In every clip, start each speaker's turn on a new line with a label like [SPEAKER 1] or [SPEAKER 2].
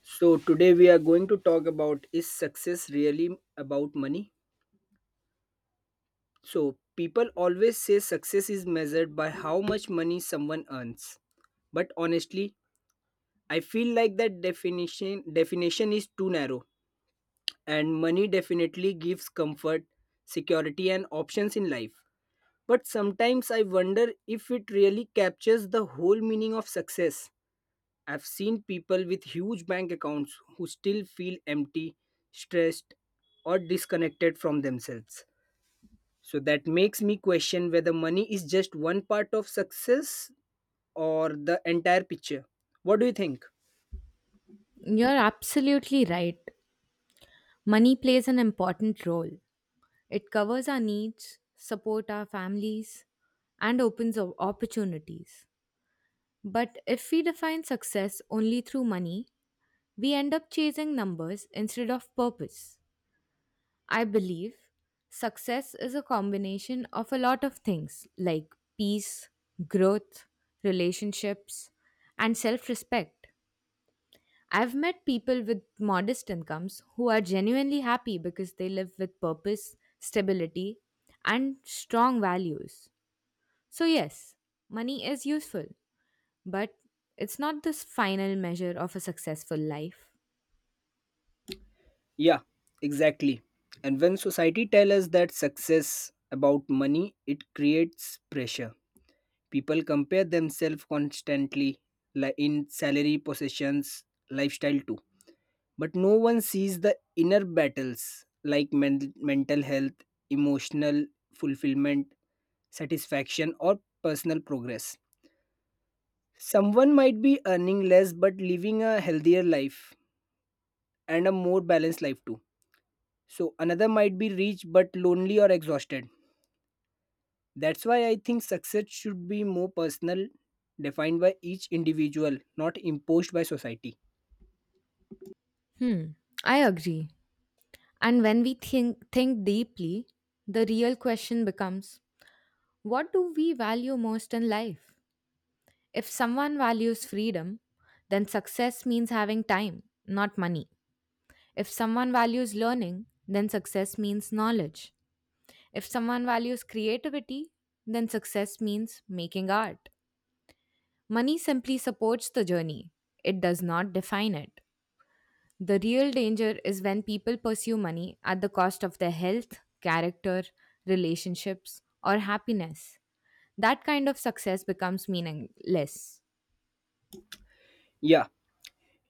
[SPEAKER 1] So, today we are going to talk about is success really about money? So, people always say success is measured by how much money someone earns. But honestly, I feel like that definition is too narrow and money definitely gives comfort, security and options in life. But sometimes I wonder if it really captures the whole meaning of success. I've seen people with huge bank accounts who still feel empty, stressed, or disconnected from themselves. So that makes me question whether money is just one part of success or the entire picture. What do you think?
[SPEAKER 2] You're absolutely right. Money plays an important role. It covers our needs, support our families, and opens opportunities. But if we define success only through money, we end up chasing numbers instead of purpose. I believe success is a combination of a lot of things like peace, growth, relationships, and self respect. I've met people with modest incomes who are genuinely happy because they live with purpose, stability, and strong values. So, yes, money is useful, but it's not the final measure of a successful life.
[SPEAKER 1] Yeah, exactly. And when society tells us that success about money, it creates pressure. People compare themselves constantly like in salary, possessions, lifestyle too, but no one sees the inner battles like mental health, emotional fulfillment, satisfaction, or personal progress. Someone might be earning less but living a healthier life and a more balanced life too. So, another might be rich but lonely or exhausted. That's why I think success should be more personal, defined by each individual, not imposed by society.
[SPEAKER 2] Hmm, I agree. And when we think deeply, the real question becomes what do we value most in life? If someone values freedom, then success means having time, not money. If someone values learning, then success means knowledge. If someone values creativity, then success means making art. Money simply supports the journey, it does not define it. The real danger is when people pursue money at the cost of their health, character, relationships, or happiness. That kind of success becomes meaningless.
[SPEAKER 1] Yeah,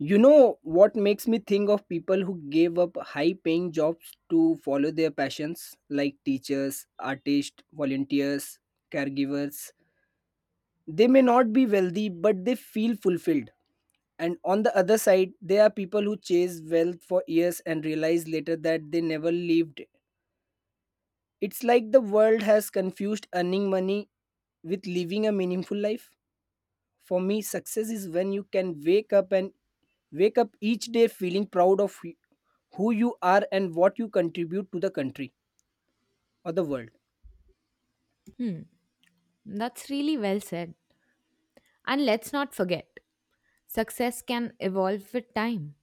[SPEAKER 1] you know what makes me think of people who gave up high paying jobs to follow their passions, like teachers, artists, volunteers, caregivers. They may not be wealthy, but they feel fulfilled. And on the other side, there are people who chase wealth for years and realize later that they never lived it. It's like the world has confused earning money with living a meaningful life. For me, success is when you can wake up each day feeling proud of who you are and what you contribute to the country or the world.
[SPEAKER 2] That's really well said. And let's not forget, success can evolve with time.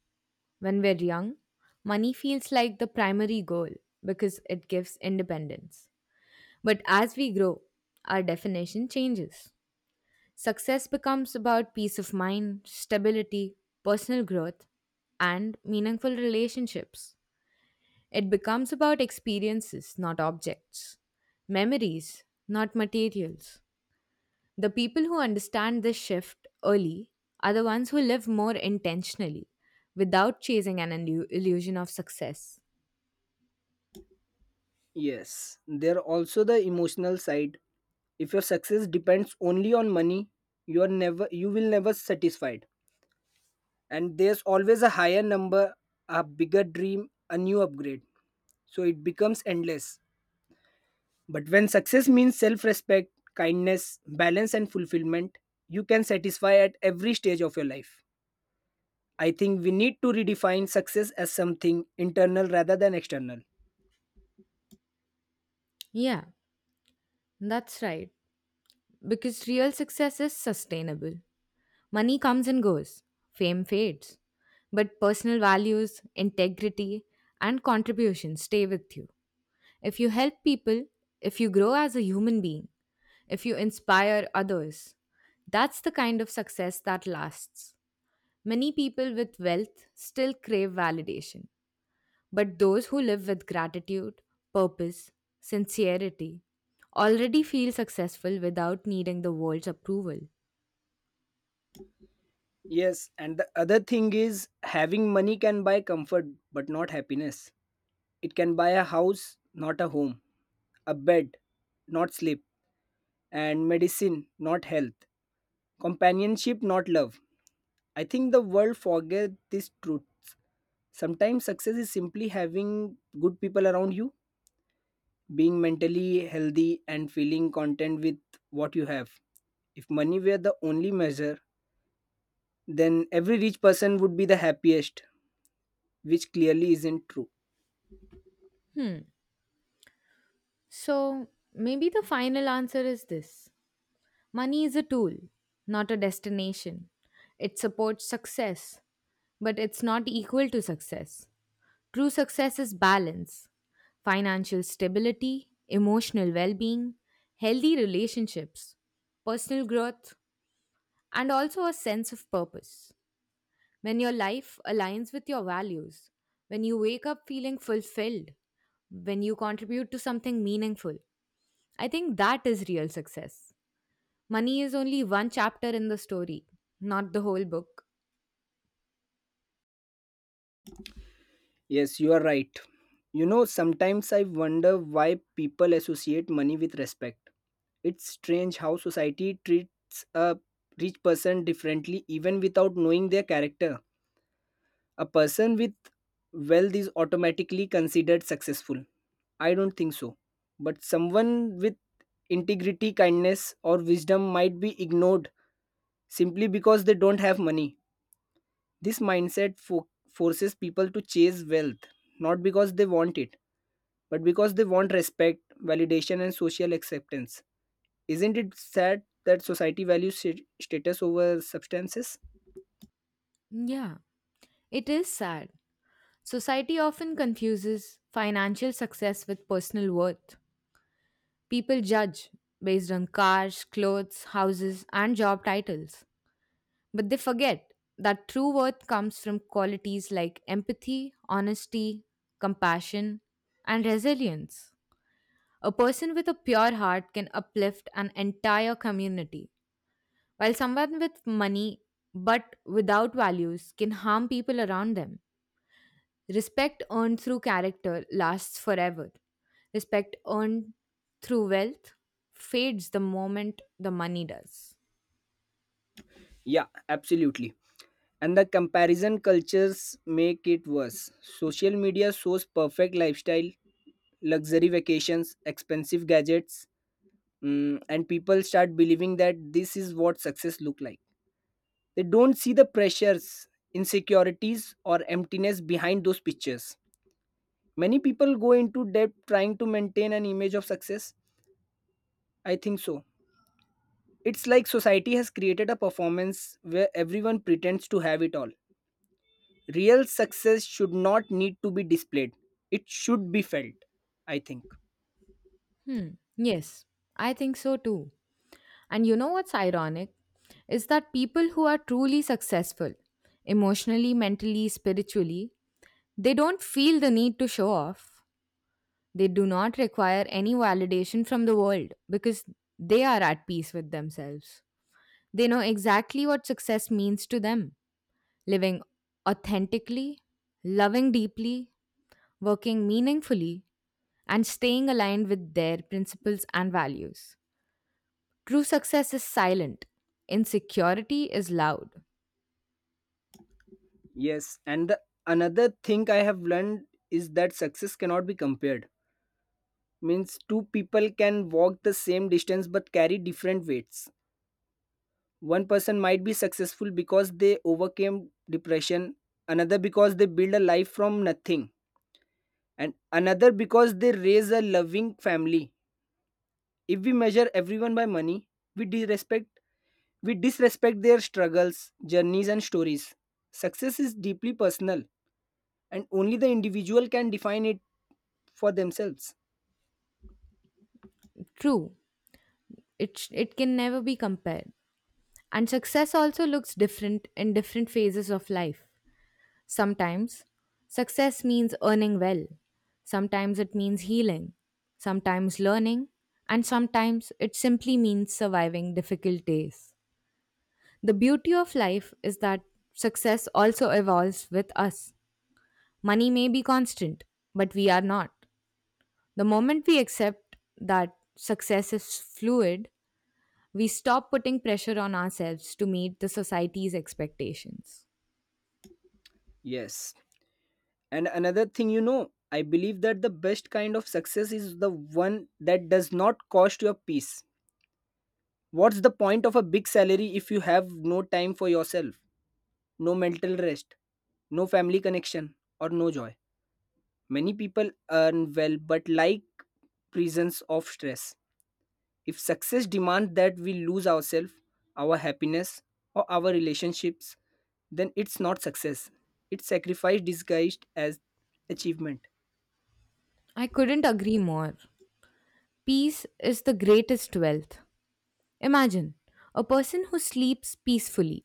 [SPEAKER 2] When we're young, money feels like the primary goal because it gives independence. But as we grow, our definition changes. Success becomes about peace of mind, stability, personal growth, and meaningful relationships. It becomes about experiences, not objects, memories, not materials. The people who understand this shift early are the ones who live more intentionally without chasing an illusion of success.
[SPEAKER 1] Yes, there are also the emotional side. If your success depends only on money, you will never satisfied. And there's always a higher number, a bigger dream, a new upgrade. So it becomes endless. But when success means self respect, kindness, balance, and fulfillment, you can satisfy at every stage of your life. I think we need to redefine success as something internal rather than external.
[SPEAKER 2] Yeah, that's right. Because real success is sustainable. Money comes and goes, fame fades. But personal values, integrity, and contribution stay with you. If you help people, if you grow as a human being, if you inspire others, that's the kind of success that lasts. Many people with wealth still crave validation, but those who live with gratitude, purpose, sincerity already feel successful without needing the world's approval.
[SPEAKER 1] Yes, and the other thing is having money can buy comfort but not happiness. It can buy a house, not a home, a bed, not sleep, and medicine, not health, companionship, not love. I think the world forget these truths. Sometimes success is simply having good people around you, being mentally healthy, and feeling content with what you have. If money were the only measure, then every rich person would be the happiest, which clearly isn't true.
[SPEAKER 2] Hmm. So maybe the final answer is this: money is a tool, not a destination. It supports success, but it's not equal to success. True success is balance, financial stability, emotional well being, healthy relationships, personal growth, and also a sense of purpose. When your life aligns with your values, when you wake up feeling fulfilled, when you contribute to something meaningful. I think that is real success. Money is only one chapter in the story, not the whole book.
[SPEAKER 1] Yes, you are right. Sometimes I wonder why people associate money with respect. It's strange how society treats a rich person differently even without knowing their character. A person with wealth is automatically considered successful. I don't think so. But someone with integrity, kindness, or wisdom might be ignored simply because they don't have money. This mindset forces people to chase wealth, not because they want it, but because they want respect, validation, and social acceptance. Isn't it sad that society values status over substances?
[SPEAKER 2] Yeah, it is sad. Society often confuses financial success with personal worth. People judge based on cars, clothes, houses, and job titles. But they forget that true worth comes from qualities like empathy, honesty, compassion, and resilience. A person with a pure heart can uplift an entire community, while someone with money but without values can harm people around them. Respect earned through character lasts forever. Respect earned through wealth fades the moment the money does.
[SPEAKER 1] Yeah, absolutely. And the comparison cultures make it worse. Social media shows perfect lifestyle, luxury vacations, expensive gadgets, and people start believing that this is what success look like. They don't see the pressures, insecurities, or emptiness behind those pictures. Many people go into debt trying to maintain an image of success. I think so. It's like society has created a performance where everyone pretends to have it all. Real success should not need to be displayed. It should be felt, I think.
[SPEAKER 2] Hmm. Yes, I think so too. And you know what's ironic? Is that people who are truly successful, emotionally, mentally, spiritually, they don't feel the need to show off. They do not require any validation from the world because they are at peace with themselves. They know exactly what success means to them: living authentically, loving deeply, working meaningfully, and staying aligned with their principles and values. True success is silent, insecurity is loud.
[SPEAKER 1] Yes, and another thing I have learned is that success cannot be compared. Means two people can walk the same distance but carry different weights. One person might be successful because they overcame depression, another because they build a life from nothing, and another because they raise a loving family. If we measure everyone by money, we disrespect We disrespect their struggles, journeys, and stories. Success is deeply personal, and only the individual can define it for themselves.
[SPEAKER 2] True, it can never be compared. And success also looks different in different phases of life. Sometimes, success means earning well, sometimes, it means healing, sometimes, learning, and sometimes, it simply means surviving difficult days. The beauty of life is that success also evolves with us. Money may be constant, but we are not. The moment we accept that success is fluid, we stop putting pressure on ourselves to meet the society's expectations.
[SPEAKER 1] Yes. And another thing, I believe that the best kind of success is the one that does not cost your peace. What's the point of a big salary if you have no time for yourself, no mental rest, no family connection, or no joy? Many people earn well but like prisons of stress. If success demands that we lose ourselves, our happiness, or our relationships, then it's not success. It's sacrifice disguised as achievement.
[SPEAKER 2] I couldn't agree more. Peace is the greatest wealth. Imagine a person who sleeps peacefully,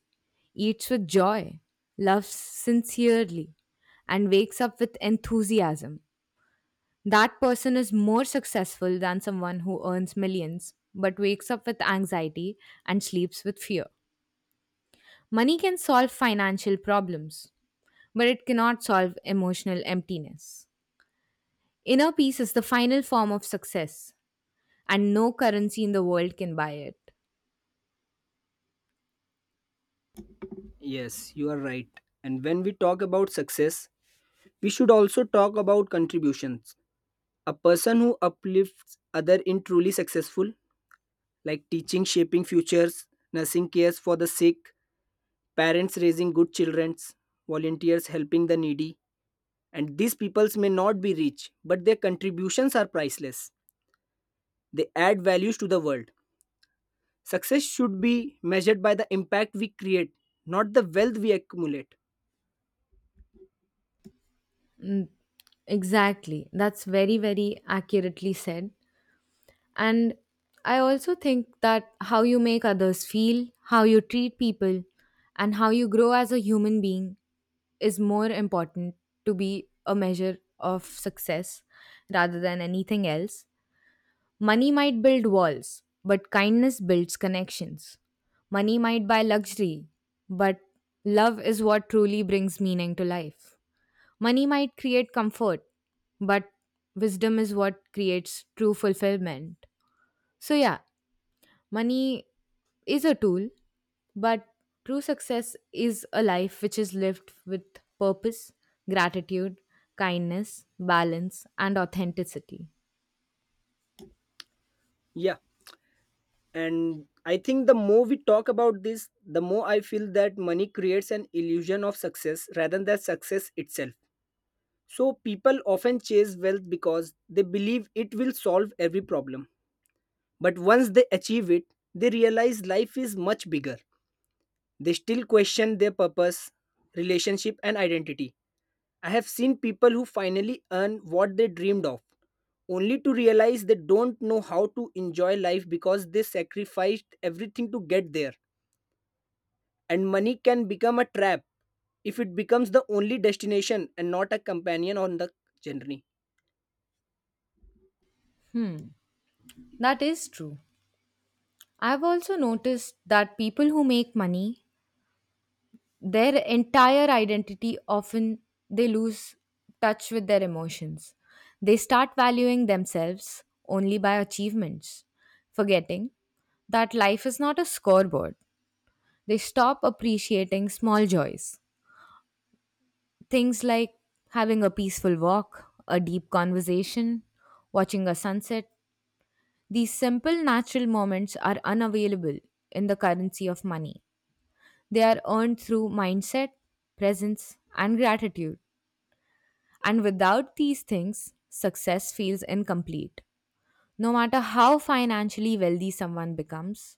[SPEAKER 2] eats with joy, loves sincerely, and wakes up with enthusiasm. That person is more successful than someone who earns millions but wakes up with anxiety and sleeps with fear. Money can solve financial problems, but it cannot solve emotional emptiness. Inner peace is the final form of success, and no currency in the world can buy it.
[SPEAKER 1] Yes, you are right. And when we talk about success, we should also talk about contributions. A person who uplifts other in truly successful, like teaching, shaping futures, nursing cares for the sick, parents raising good children, volunteers helping the needy. And these peoples may not be rich, but their contributions are priceless. They add values to the world. Success should be measured by the impact we create, not the wealth we accumulate.
[SPEAKER 2] Exactly. That's very accurately said. And I also think that how you make others feel, how you treat people, and how you grow as a human being is more important to be a measure of success rather than anything else. Money might build walls, but kindness builds connections. Money might buy luxury, but love is what truly brings meaning to life. Money might create comfort, but wisdom is what creates true fulfillment. So, yeah, money is a tool, but true success is a life which is lived with purpose, gratitude, kindness, balance, and authenticity.
[SPEAKER 1] Yeah. And I think the more we talk about this, the more I feel that money creates an illusion of success rather than success itself. So people often chase wealth because they believe it will solve every problem. But once they achieve it, they realize life is much bigger. They still question their purpose, relationship, and identity. I have seen people who finally earn what they dreamed of, only to realize they don't know how to enjoy life because they sacrificed everything to get there. And money can become a trap if it becomes the only destination and not a companion on the journey.
[SPEAKER 2] Hmm, that is true. I've also noticed that people who make money, their entire identity often they lose touch with their emotions. They start valuing themselves only by achievements, forgetting that life is not a scoreboard. They stop appreciating small joys. Things like having a peaceful walk, a deep conversation, watching a sunset. These simple natural moments are unavailable in the currency of money. They are earned through mindset, presence, and gratitude. And without these things, success feels incomplete, no matter how financially wealthy someone becomes.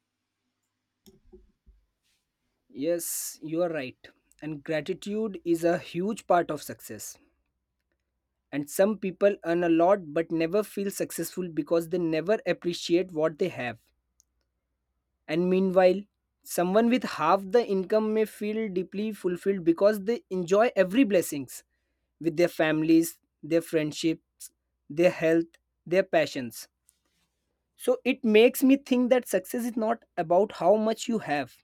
[SPEAKER 1] Yes, you are right. And gratitude is a huge part of success. And some people earn a lot but never feel successful because they never appreciate what they have. And meanwhile, someone with half the income may feel deeply fulfilled because they enjoy every blessings with their families, their friendships, their health, their passions. So it makes me think that success is not about how much you have,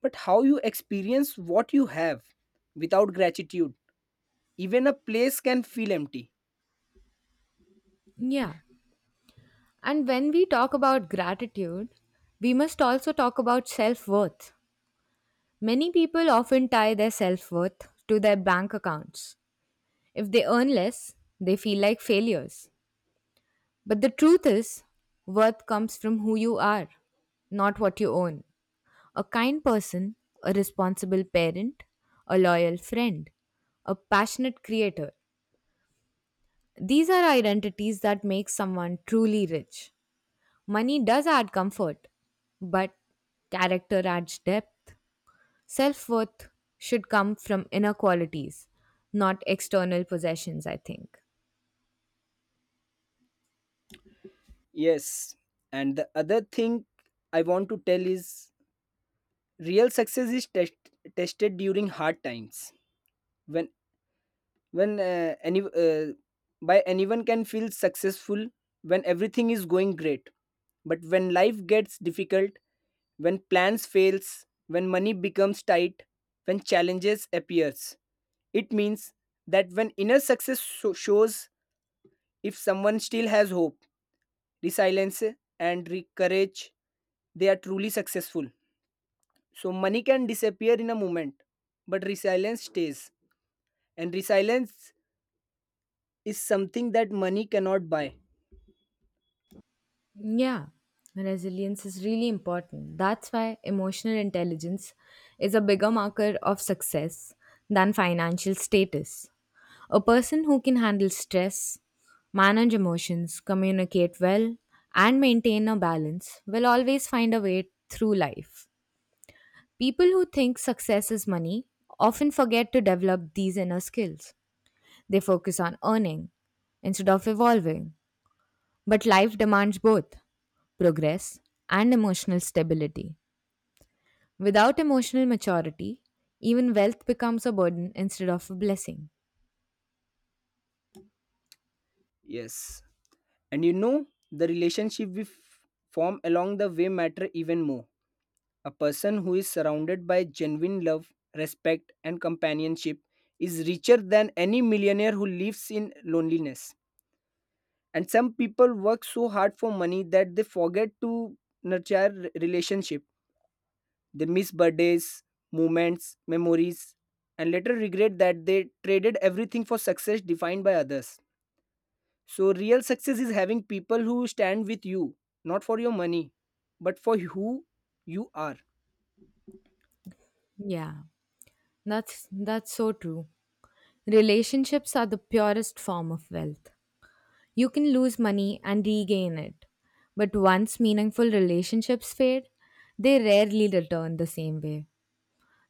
[SPEAKER 1] but how you experience what you have. Without gratitude, even a place can feel empty.
[SPEAKER 2] Yeah. And when we talk about gratitude, we must also talk about self worth. Many people often tie their self worth to their bank accounts. If they earn less, they feel like failures. But the truth is, worth comes from who you are, not what you own. A kind person, a responsible parent, a loyal friend, a passionate creator. These are identities that make someone truly rich. Money does add comfort, but character adds depth. Self worth should come from inner qualities, not external possessions, I think.
[SPEAKER 1] Yes, and the other thing I want to tell is real success is tested during hard times. When when any by anyone can feel successful when everything is going great, but when life gets difficult, when plans fails, when money becomes tight, when challenges appears, it means that when inner success shows, if someone still has hope, resilience, and courage, they are truly successful. So money can disappear in a moment, but resilience stays. And resilience is something that money cannot buy.
[SPEAKER 2] Yeah, resilience is really important. That's why emotional intelligence is a bigger marker of success than financial status. A person who can handle stress, manage emotions, communicate well, and maintain a balance will always find a way through life. People who think success is money often forget to develop these inner skills. They focus on earning instead of evolving. But life demands both progress and emotional stability. Without emotional maturity, even wealth becomes a burden instead of a blessing.
[SPEAKER 1] Yes, and you know the relationship form along the way matter even more. A person who is surrounded by genuine love, respect and companionship is richer than any millionaire who lives in loneliness. And some people work so hard for money that they forget to nurture relationship. They miss birthdays, moments, memories, and later regret that they traded everything for success defined by others. So real success is having people who stand with you, not for your money, but for who you are.
[SPEAKER 2] Yeah, that's so true. Relationships are the purest form of wealth. You can lose money and regain it. But once meaningful relationships fade, they rarely return the same way.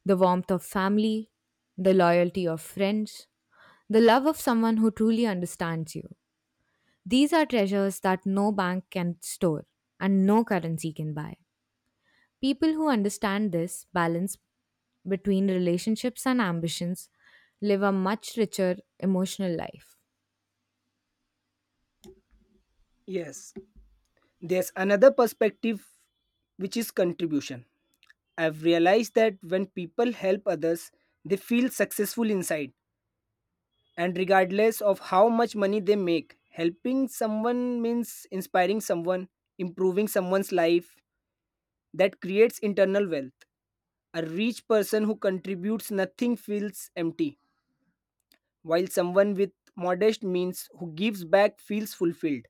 [SPEAKER 2] The warmth of family, the loyalty of friends, the love of someone who truly understands you. These are treasures that no bank can store and no currency can buy. People who understand this balance between relationships and ambitions live a much richer emotional life.
[SPEAKER 1] Yes, there's another perspective, which is contribution. I've realized that when people help others they feel successful inside. And regardless of how much money they make, helping someone means inspiring someone, improving someone's life. That creates internal wealth. A rich person who contributes nothing feels empty, while someone with modest means who gives back feels fulfilled.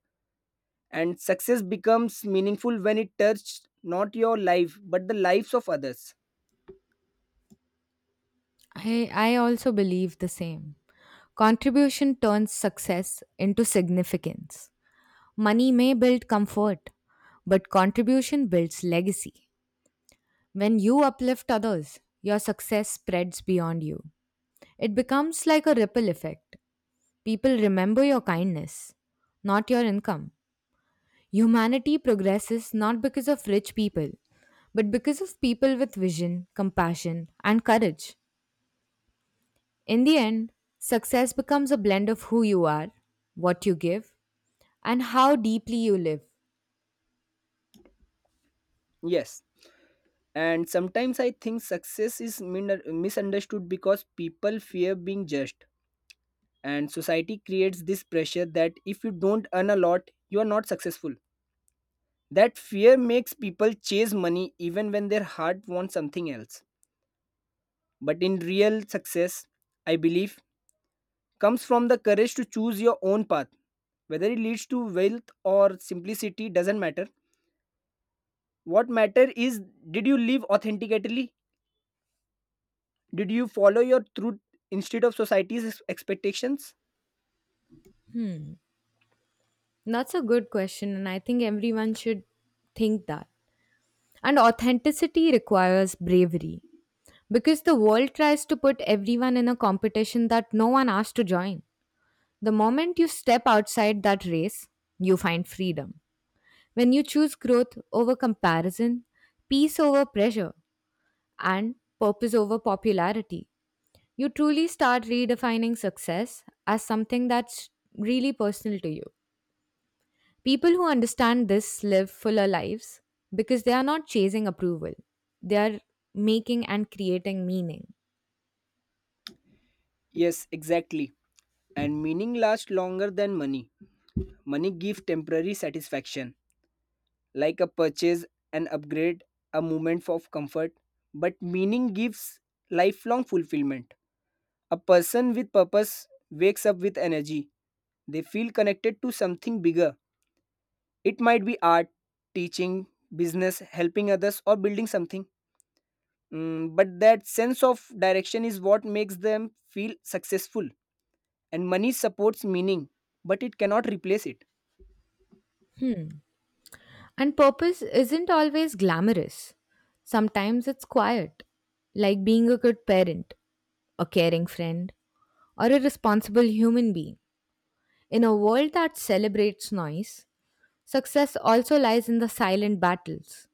[SPEAKER 1] And success becomes meaningful when it touches not your life but the lives of others.
[SPEAKER 2] I also believe the same. Contribution turns success into significance. Money may build comfort, but contribution builds legacy. When you uplift others, your success spreads beyond you. It becomes like a ripple effect. People remember your kindness, not your income. Humanity progresses not because of rich people, but because of people with vision, compassion, and courage. In the end, success becomes a blend of who you are, what you give, and how deeply you live.
[SPEAKER 1] Yes. And sometimes I think success is misunderstood because people fear being judged, and society creates this pressure that if you don't earn a lot you are not successful. That fear makes people chase money even when their heart wants something else. But in real success, I believe, comes from the courage to choose your own path. Whether it leads to wealth or simplicity doesn't matter. What matter is, did you live authentically, did you follow your truth instead of society's expectations?
[SPEAKER 2] That's a good question, and I think everyone should think that. And authenticity requires bravery because the world tries to put everyone in a competition that no one asked to join. The moment you step outside that race, you find freedom. When you choose growth over comparison, peace over pressure, and purpose over popularity, you truly start redefining success as something that's really personal to you. People who understand this live fuller lives because they are not chasing approval, they are making and creating meaning.
[SPEAKER 1] Yes, exactly. And meaning lasts longer than money. Money gives temporary satisfaction, like a purchase, an upgrade, a moment of comfort, but meaning gives lifelong fulfillment. A person with purpose wakes up with energy. They feel connected to something bigger. It might be art, teaching, business, helping others, or building something. But that sense of direction is what makes them feel successful. And money supports meaning, but it cannot replace it.
[SPEAKER 2] And purpose isn't always glamorous, sometimes it's quiet, like being a good parent, a caring friend, or a responsible human being. In a world that celebrates noise, success also lies in the silent battles.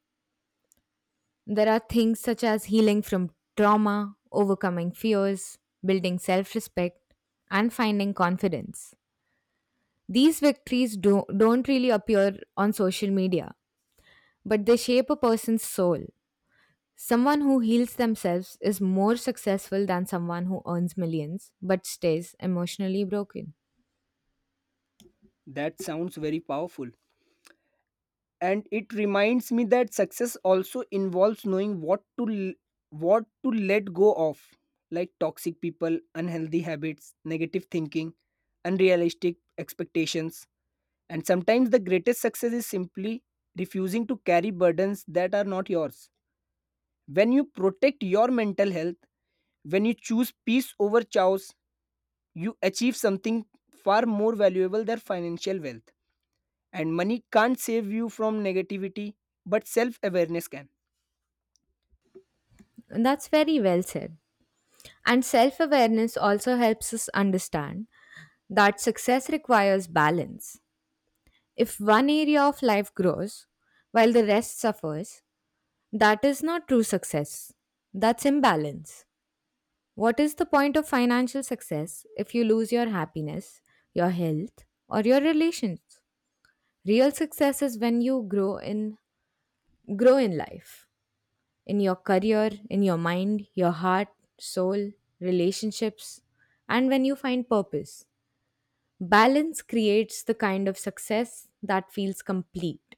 [SPEAKER 2] There are things such as healing from trauma, overcoming fears, building self respect, and finding confidence. These victories don't really appear on social media, but they shape a person's soul. Someone who heals themselves is more successful than someone who earns millions but stays emotionally broken.
[SPEAKER 1] That sounds very powerful. And it reminds me that success also involves knowing what to let go of, like toxic people, unhealthy habits, negative thinking, unrealistic expectations. And sometimes the greatest success is simply refusing to carry burdens that are not yours. When you protect your mental health, when you choose peace over chaos, you achieve something far more valuable than financial wealth. And money can't save you from negativity, but self awareness can.
[SPEAKER 2] And that's very well said. And self awareness also helps us understand that success requires balance. If one area of life grows while the rest suffers, that is not true success. That's imbalance. What is the point of financial success if you lose your happiness, your health, or your relations? Real success is when you grow in life, in your career, in your mind, your heart, soul, relationships, and when you find purpose. Balance creates the kind of success that feels complete.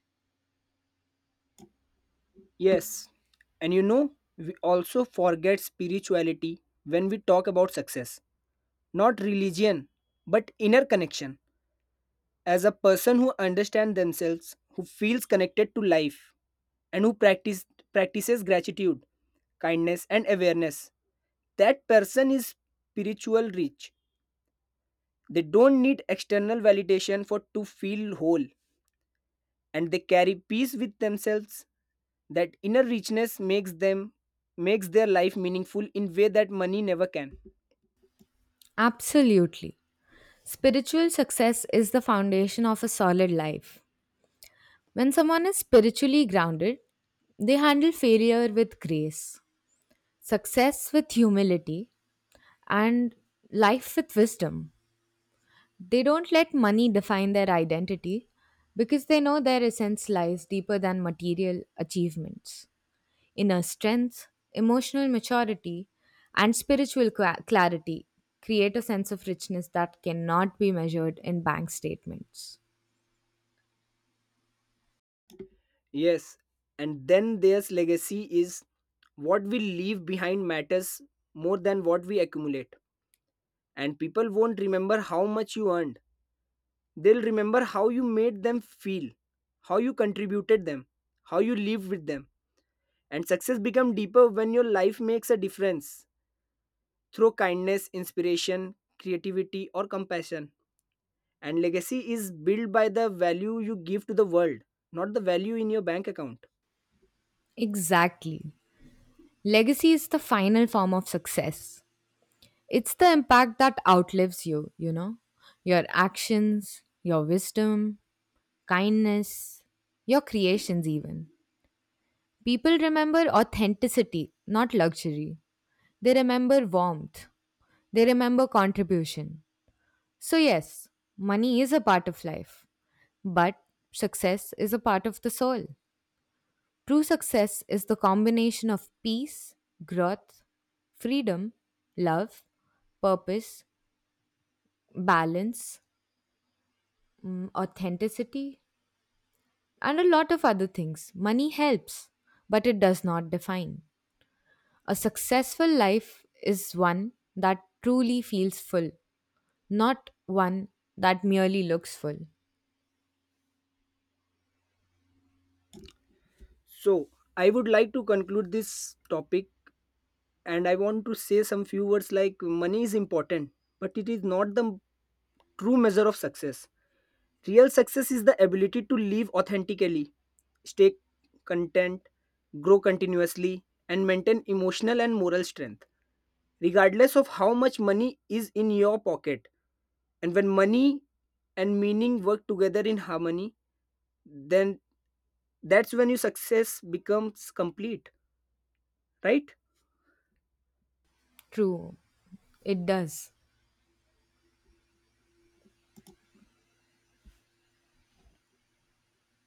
[SPEAKER 1] Yes. And we also forget spirituality when we talk about success. Not religion, but inner connection. As a person who understands themselves, who feels connected to life, and who practices gratitude, kindness, and awareness, that person is spiritual rich. They don't need external validation for to feel whole. And they carry peace with themselves. That inner richness makes their life meaningful in way that money never can.
[SPEAKER 2] Absolutely. Spiritual success is the foundation of a solid life. When someone is spiritually grounded, they handle failure with grace, success with humility, and life with wisdom. They don't let money define their identity because they know their essence lies deeper than material achievements. Inner strength, emotional maturity, and spiritual clarity create a sense of richness that cannot be measured in bank statements.
[SPEAKER 1] Yes, and then there's legacy is what we leave behind matters more than what we accumulate. And people won't remember how much you earned, they'll remember how you made them feel, how you contributed them, how you lived with them. And success become deeper when your life makes a difference through kindness, inspiration, creativity or compassion. And legacy is built by the value you give to the world, not the value in your bank account.
[SPEAKER 2] Exactly. Legacy is the final form of success. It's the impact that outlives you, you know? Your actions, your wisdom, kindness, your creations, even. People remember authenticity, not luxury. They remember warmth. They remember contribution. So, yes, money is a part of life, but success is a part of the soul. True success is the combination of peace, growth, freedom, love, purpose, balance, authenticity, and a lot of other things. Money helps, but it does not define. A successful life is one that truly feels full, not one that merely looks full.
[SPEAKER 1] So, I would like to conclude this topic, and I want to say some few words like money is important, but it is not the true measure of success. Real success is the ability to live authentically, stay content, grow continuously, and maintain emotional and moral strength, regardless of how much money is in your pocket. And when money and meaning work together in harmony, then that's when your success becomes complete, right?
[SPEAKER 2] True, it does.